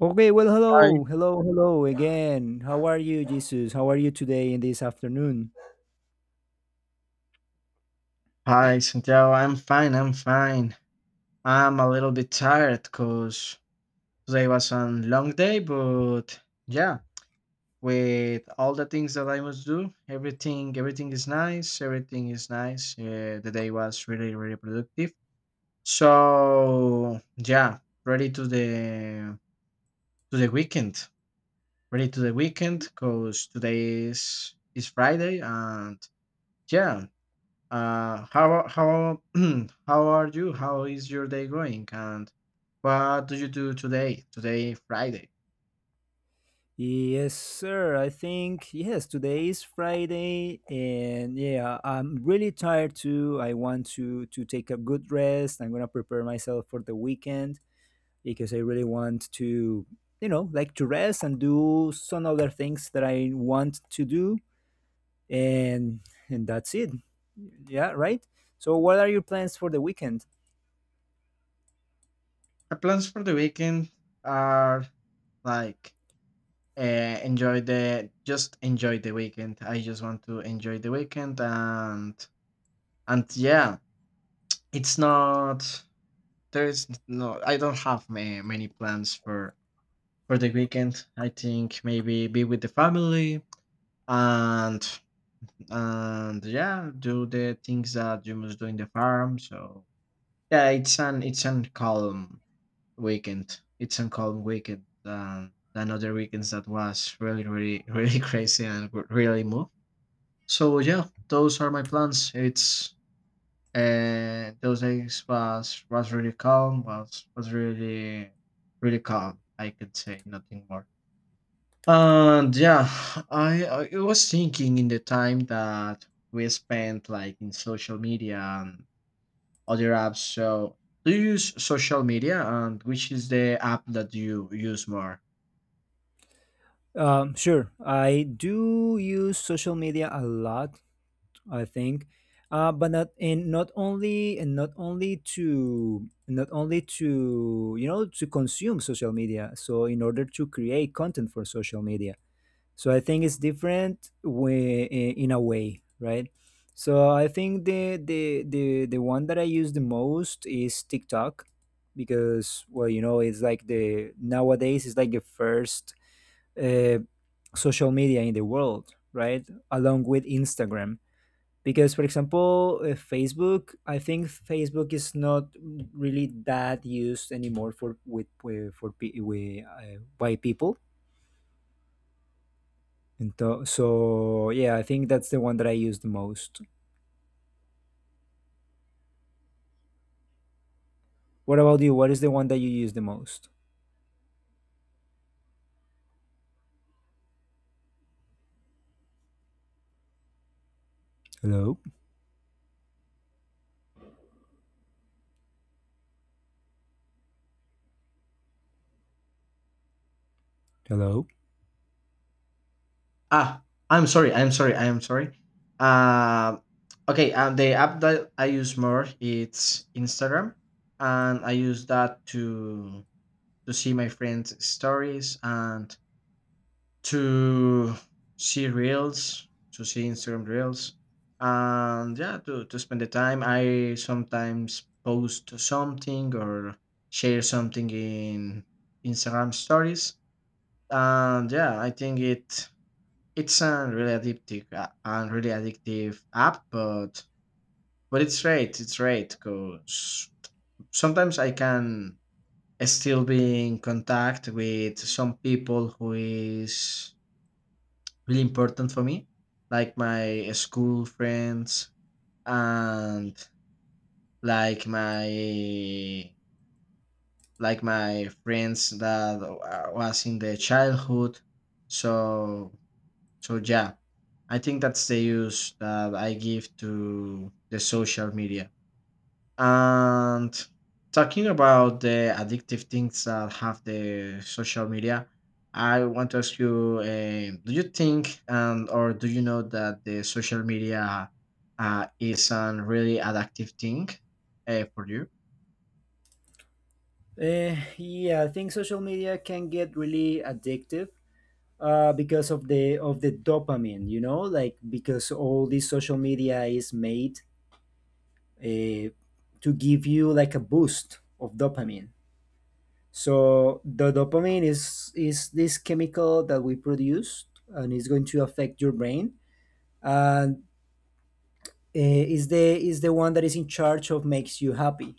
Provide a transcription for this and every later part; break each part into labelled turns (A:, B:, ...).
A: Okay, well,
B: Hi.
A: hello, hello, hello again. How are you, Jesus? How are you today in this afternoon?
B: Hi, Santiago. I'm fine. I'm fine. I'm a little bit tired because today was a long day, but yeah, with all the things that I must do, everything is nice. Everything is nice. The day was really productive. So yeah, ready to the weekend. Ready to the weekend because today is Friday and yeah. How how are you? How is your day going? And what do you do today? Today, Friday.
A: Yes, sir. I think, yes, today is Friday, and yeah, I'm really tired too. I want to take a good rest. I'm gonna prepare myself for the weekend because I really want to, like to rest and do some other things that I want to do, and that's it. Yeah, right? So what are your plans for the weekend?
B: My plans for the weekend are like enjoy the just enjoy the weekend. I just want to enjoy the weekend, and yeah, it's not there's no I don't have many plans for the weekend. I think maybe be with the family and and yeah, do the things that you must do in the farm. So yeah, it's an calm weekend. It's a calm weekend than other weekends that was really really crazy and really move. So yeah, those are my plans. It's those days was really calm. Was really really calm. I could say nothing more. And yeah, I was thinking in the time that we spent like in social media and other apps. So, do you use social media, and which is the app that you use more?
A: Sure, I do use social media a lot. I think, but not only to to consume social media. So in order to create content for social media, so I think it's different way in a way, right? So I think the one that I use the most is TikTok because well, you know, it's like the nowadays it's like the first uh, social media in the world, right? Along with Instagram. Because, for example, Facebook, I think Facebook is not really that used anymore for with for pe- with, by people. So, yeah, I think that's the one that I use the most. What about you? What is the one that you use the most? Hello, hello.
B: Ah, I am sorry. Uh, okay, and the app that I use more it's Instagram, and I use that to see my friends' stories and to see reels, to see Instagram reels, and yeah, to spend the time. I sometimes post something or share something in Instagram stories, and yeah, I think it's a really addictive and really addictive app, but it's great because sometimes I can still be in contact with some people who is really important for me, like my school friends and like my like my friends that was in the childhood. So so yeah, I think that's the use that I give to the social media. And talking about the addictive things that have the social media, I want to ask you: do you think and or do you know that the social media is a really addictive thing for you?
A: Yeah, I think social media can get really addictive because of the dopamine, you know, like because all this social media is made uh, to give you like a boost of dopamine. So the dopamine is this chemical that we produce, and it's going to affect your brain. And is the one that is in charge of makes you happy.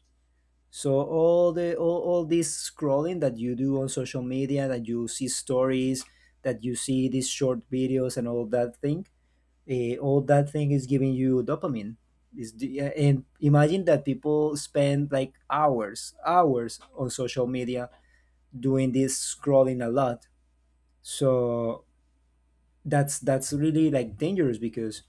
A: So all this scrolling that you do on social media, that you see stories, that you see these short videos and all that thing, all that thing is giving you dopamine. Is the, and imagine that people spend like hours on social media doing this scrolling a lot. So that's really like dangerous because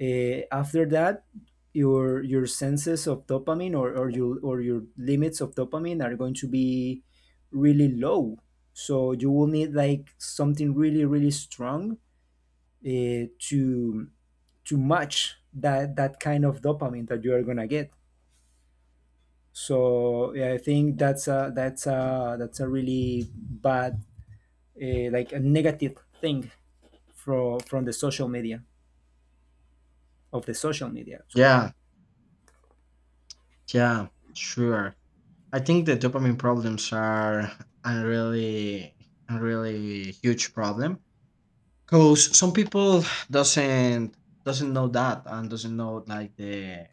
A: after that, your senses of dopamine, or your limits of dopamine are going to be really low, so you will need like something really really strong, to match that kind of dopamine that you are gonna get. So yeah, I think that's a really bad, like a negative thing from the social media, of the social media actually.
B: Yeah, yeah, sure. I think the dopamine problems are a really, a really huge problem because some people doesn't doesn't know that and doesn't know like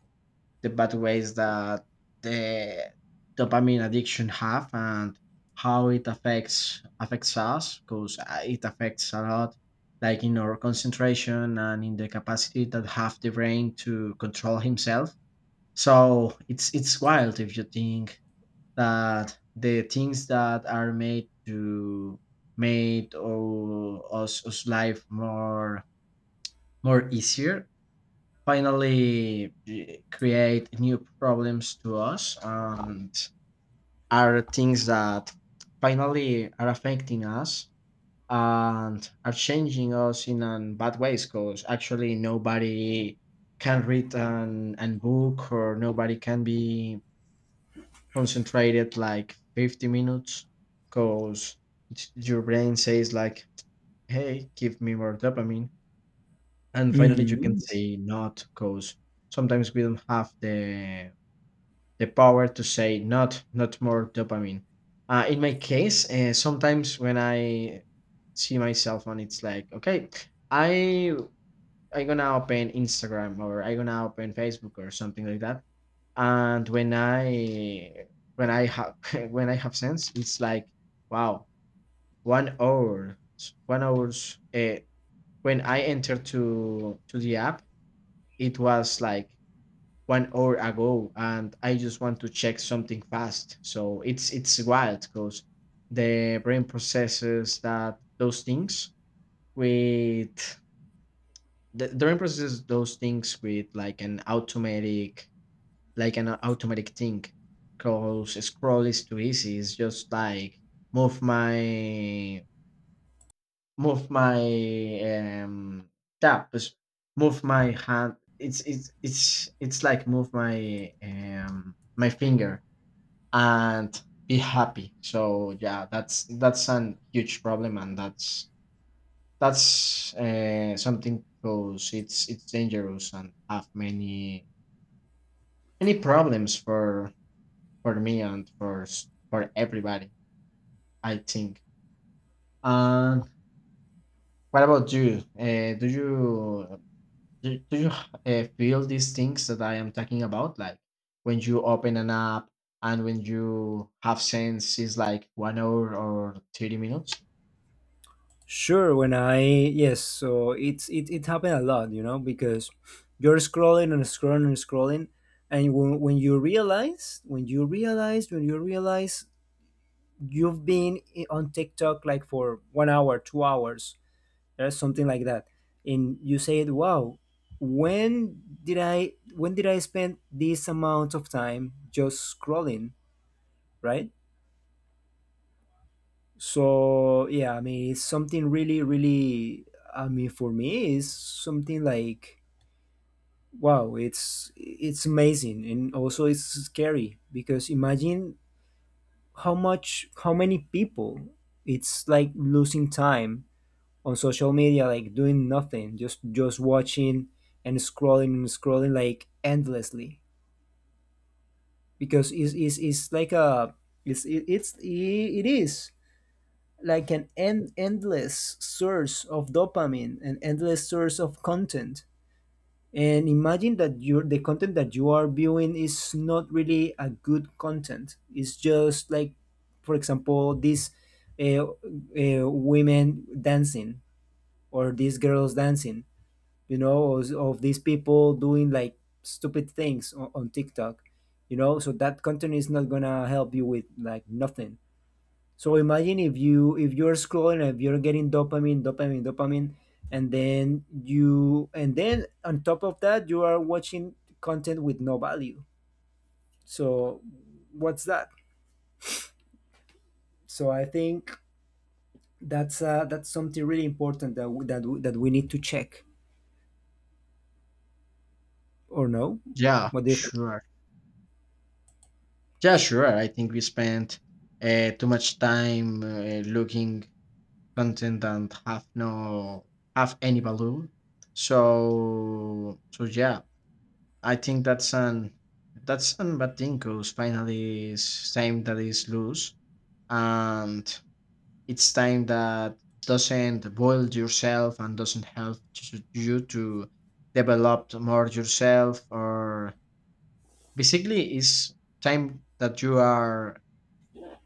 B: the bad ways that the dopamine addiction have, and how it affects us because it affects a lot, like in our concentration and in the capacity that have the brain to control himself. So it's wild if you think that the things that are made to made or us life more more easier finally create new problems to us, and are things that finally are affecting us and are changing us in an bad ways because actually nobody can read an book, or nobody can be concentrated like 50 minutes because your brain says like, hey, give me more dopamine, and finally you can
A: Hmm.
B: say not because sometimes we don't have the power to say not not more dopamine. In my case, sometimes when I see myself, and it's like okay, i I gonna open Instagram, or I gonna open Facebook or something like that, and when I when I have when I have sense, it's like wow, 1 hour, 1 hours, when I entered to the app, it was like 1 hour ago, and I just want to check something fast. So it's wild because the brain processes that those things with the brain processes those things with like an automatic thing because scroll is too easy. It's just like move my move my tab, just move my hand, it's it's like move my my finger and be happy. So yeah, that's a huge problem, and that's something because it's dangerous and have many many problems for me and for for everybody, I think. And what about you? Do you feel these things that I am talking about, like when you open an app and when you have sense is like 1 hour or 30 minutes?
A: Sure, when I, yes, so it happened a lot, you know, because you're scrolling and scrolling and scrolling, and when you realize, you've been on TikTok like for 1 hour, 2 hours, something like that, and you said, wow, when did I spend this amount of time just scrolling, right? So yeah, I mean, it's something really really, I mean, for me, it's something like, wow, it's amazing, and also it's scary because imagine how many people, it's like losing time on social media, like doing nothing, just watching and scrolling like endlessly, because it's like a, it is like an endless source of dopamine, an endless source of content. And imagine that you the content that you are viewing is not really a good content. It's just like, for example, these women dancing, or these girls dancing, you know, of these people doing like stupid things on TikTok, you know. So that content is not gonna help you with like nothing. So imagine if you, if you're scrolling, if you're getting dopamine, dopamine, dopamine, and then you, and then on top of that you are watching content with no value. So what's that? So I think that's, that's something really important that we, that we need to check, or no?
B: Yeah,
A: What do you think?
B: sure. Yeah, sure. I think we spent too much time looking content and have no have any value. So so yeah, I think that's an bad thing because finally it's time that is loose, and it's time that doesn't boil yourself and doesn't help you to develop more yourself, or basically it's time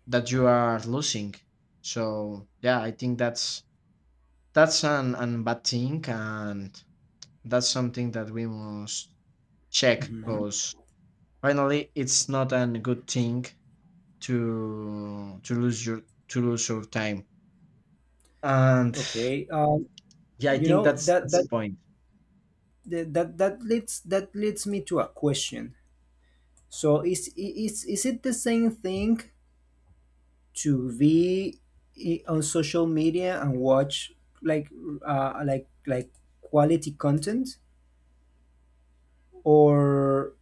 B: that you are losing. So yeah, I think that's an bad thing, and that's something that we must check because finally it's not a good thing to to lose your to lose your time. And
A: Okay,
B: yeah, I
A: you
B: think
A: know that
B: that's the point.
A: the, that leads, me to a question. So is, is it the same thing to be on social media and watch like, like quality content, or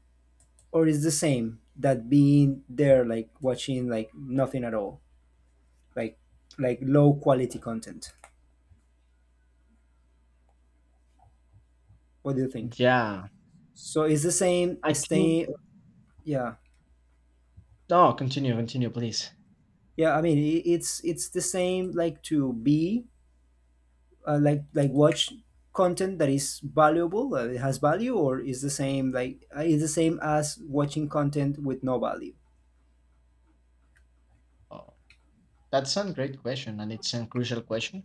A: or is the same that being there like watching like nothing at all, like like low quality content? What do you think?
B: Yeah,
A: So it's the same
B: I think
A: staying. Yeah,
B: no continue, continue please.
A: yeah. I mean, it's the same like to be, like watch content that is valuable, it has value, or is the same like, is the same as watching content with no value.
B: Oh, that's a great question, and it's a crucial question.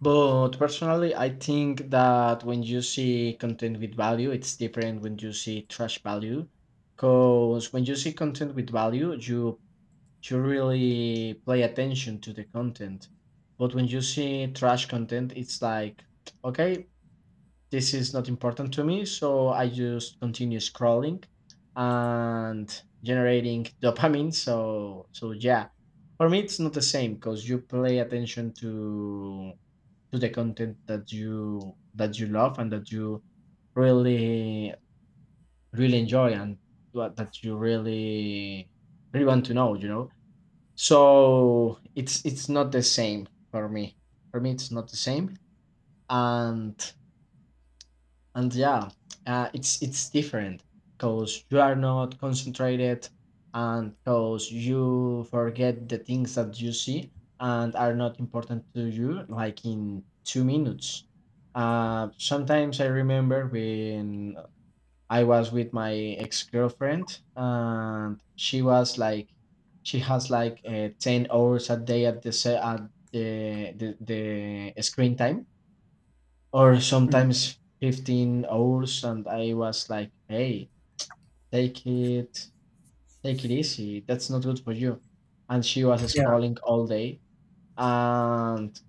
B: But personally, I think that when you see content with value, it's different when you see trash value. Because when you see content with value, you really pay attention to the content. But when you see trash content, it's like okay, this is not important to me, so I just continue scrolling and generating dopamine. So yeah, for me it's not the same because you play attention to the content that you love and that you really really enjoy and what that you really really want to know. You know, so it's not the same for me. For me, it's not the same, and and yeah it's different because you are not concentrated and because you forget the things that you see and are not important to you like in 2 minutes. Sometimes I remember when I was with my ex-girlfriend and she was like she has like 10 hours a day at the at the screen time, or
A: Mhm.
B: sometimes 15 hours, and I was like hey take it take it easy, that's not good for you. And she was
A: Yeah,
B: scrolling all day, and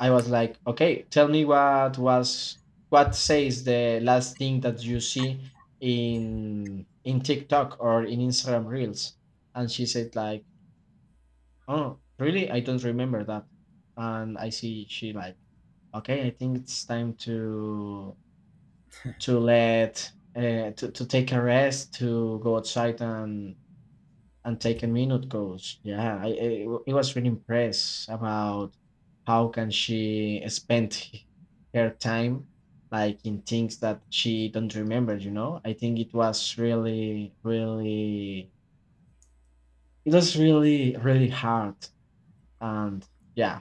B: I was like okay, tell me what was what says the last thing that you see in TikTok or in Instagram reels. And she said like, oh really, I don't remember that. And I see she like, okay I think it's time to let to take a rest, to go outside and take a minute. Goes yeah I was really impressed about how can she spend her time like in things that she don't remember. You know, I think it was really really it was really really hard. And yeah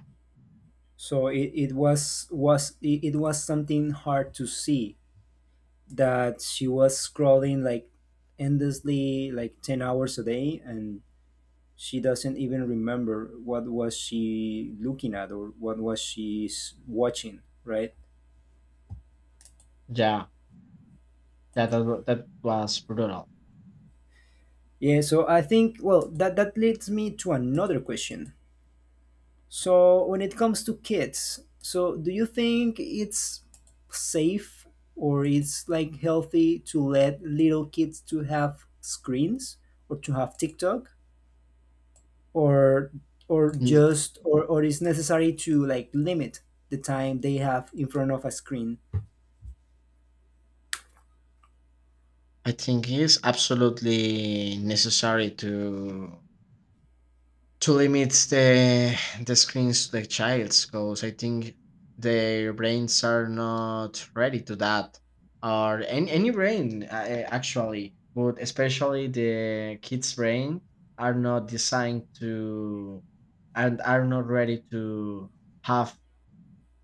A: so it was something hard to see that she was scrolling like endlessly, like 10 hours a day, and she doesn't even remember what was she looking at, or what was she watching, right?
B: yeah that that was brutal.
A: Yeah, so I think, well, that leads me to another question. So when it comes to kids, so do you think it's safe, or it's like healthy to let little kids to have screens, or to have TikTok, or or
B: Mm,
A: just, or is necessary to like limit the time they have in front of a screen?
B: I think it's absolutely necessary to limit the screens to the childs because I think their brains are not ready to that, or any brain actually, but especially the kids brain are not designed to and are not ready to have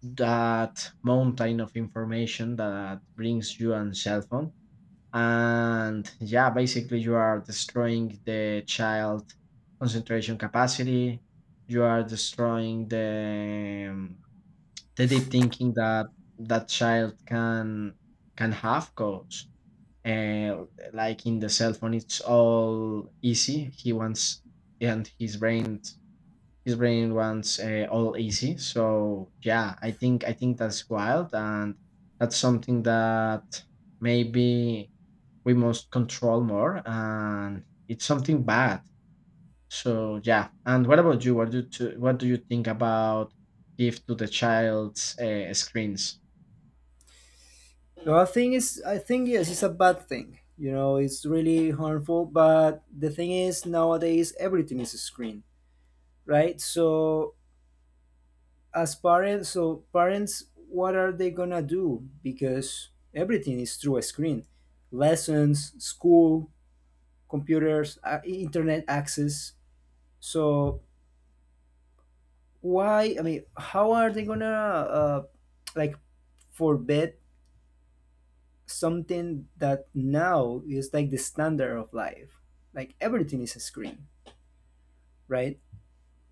B: that mountain of information that brings you on cell phone. And yeah, basically you are destroying the child concentration capacity, you are destroying the deep thinking that that child can have goals. uh, like in the cell phone it's all easy he wants, and his brain wants all easy. So yeah, I think I think that's wild, and that's something that maybe we must control more, and it's something bad. So yeah, and what about you? What do you think about give to the child's screens?
A: No, I think is, I think yes, it's a bad thing. You know, it's really harmful. But the thing is, nowadays everything is a screen, right? So as parents, what are they gonna do, because everything is through a screen, lessons, school, computers, internet access. So why, I mean, how are they gonna, like forbid something that now is like the standard of life, like everything is a screen, right?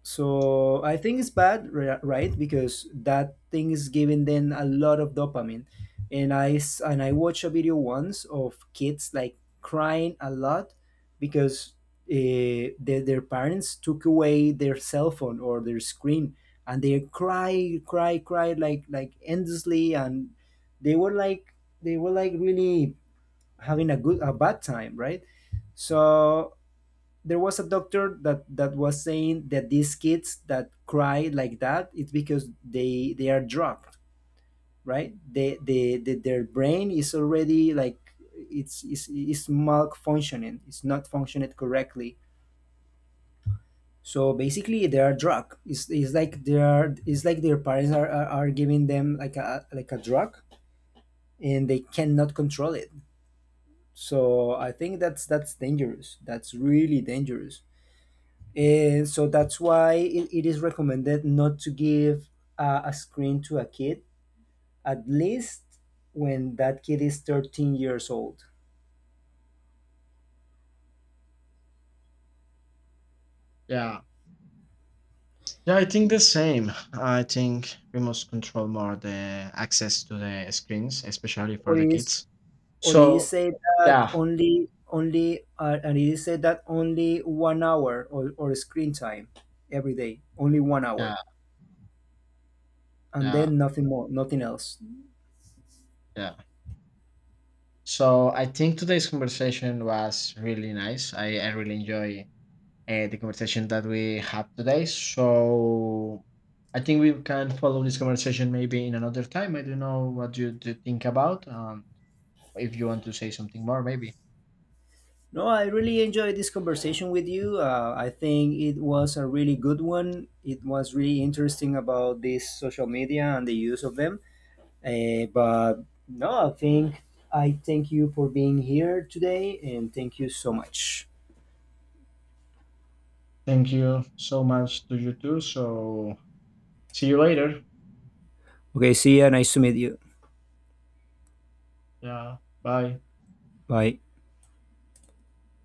A: So I think it's bad, right? Because that thing is giving them a lot of dopamine. And I and I watched a video once of kids like crying a lot because, their parents took away their cell phone or their screen, and they cry, cry, cry like endlessly, and they were like they were like really having a good, a bad time, right? So there was a doctor that was saying that these kids that cry like that, it's because they are drugged, right? They, their brain is already like, it's malfunctioning, it's not functioning correctly. So basically they are drug, it's like they are, it's like their parents are, giving them like a, like a drug, and they cannot control it. So I think that's dangerous, that's really dangerous. And so that's why it is recommended not to give, a screen to a kid, at least when that kid is 13 years old.
B: Yeah yeah, I think the same. I think we must control more the access to the screens, especially for
A: Or
B: the
A: it is
B: kids.
A: or it is
B: So
A: said that
B: yeah
A: only 1 hour, or screen time every day, only one
B: yeah
A: hour, and
B: yeah
A: then nothing more, nothing else.
B: yeah, so I think today's conversation was really nice. I really enjoy the conversation that we have today. So I think we can follow this conversation maybe in another time. I don't know what you do think about. If you want to say something more, maybe.
A: No, I really enjoyed this conversation with you. I think it was a really good one. It was really interesting about this social media and the use of them. But no, I think, I thank you for being here today, and thank you so much.
B: Thank you so much to you too. So see you later.
A: Okay, see ya. Nice to meet you.
B: Yeah. Bye.
A: Bye.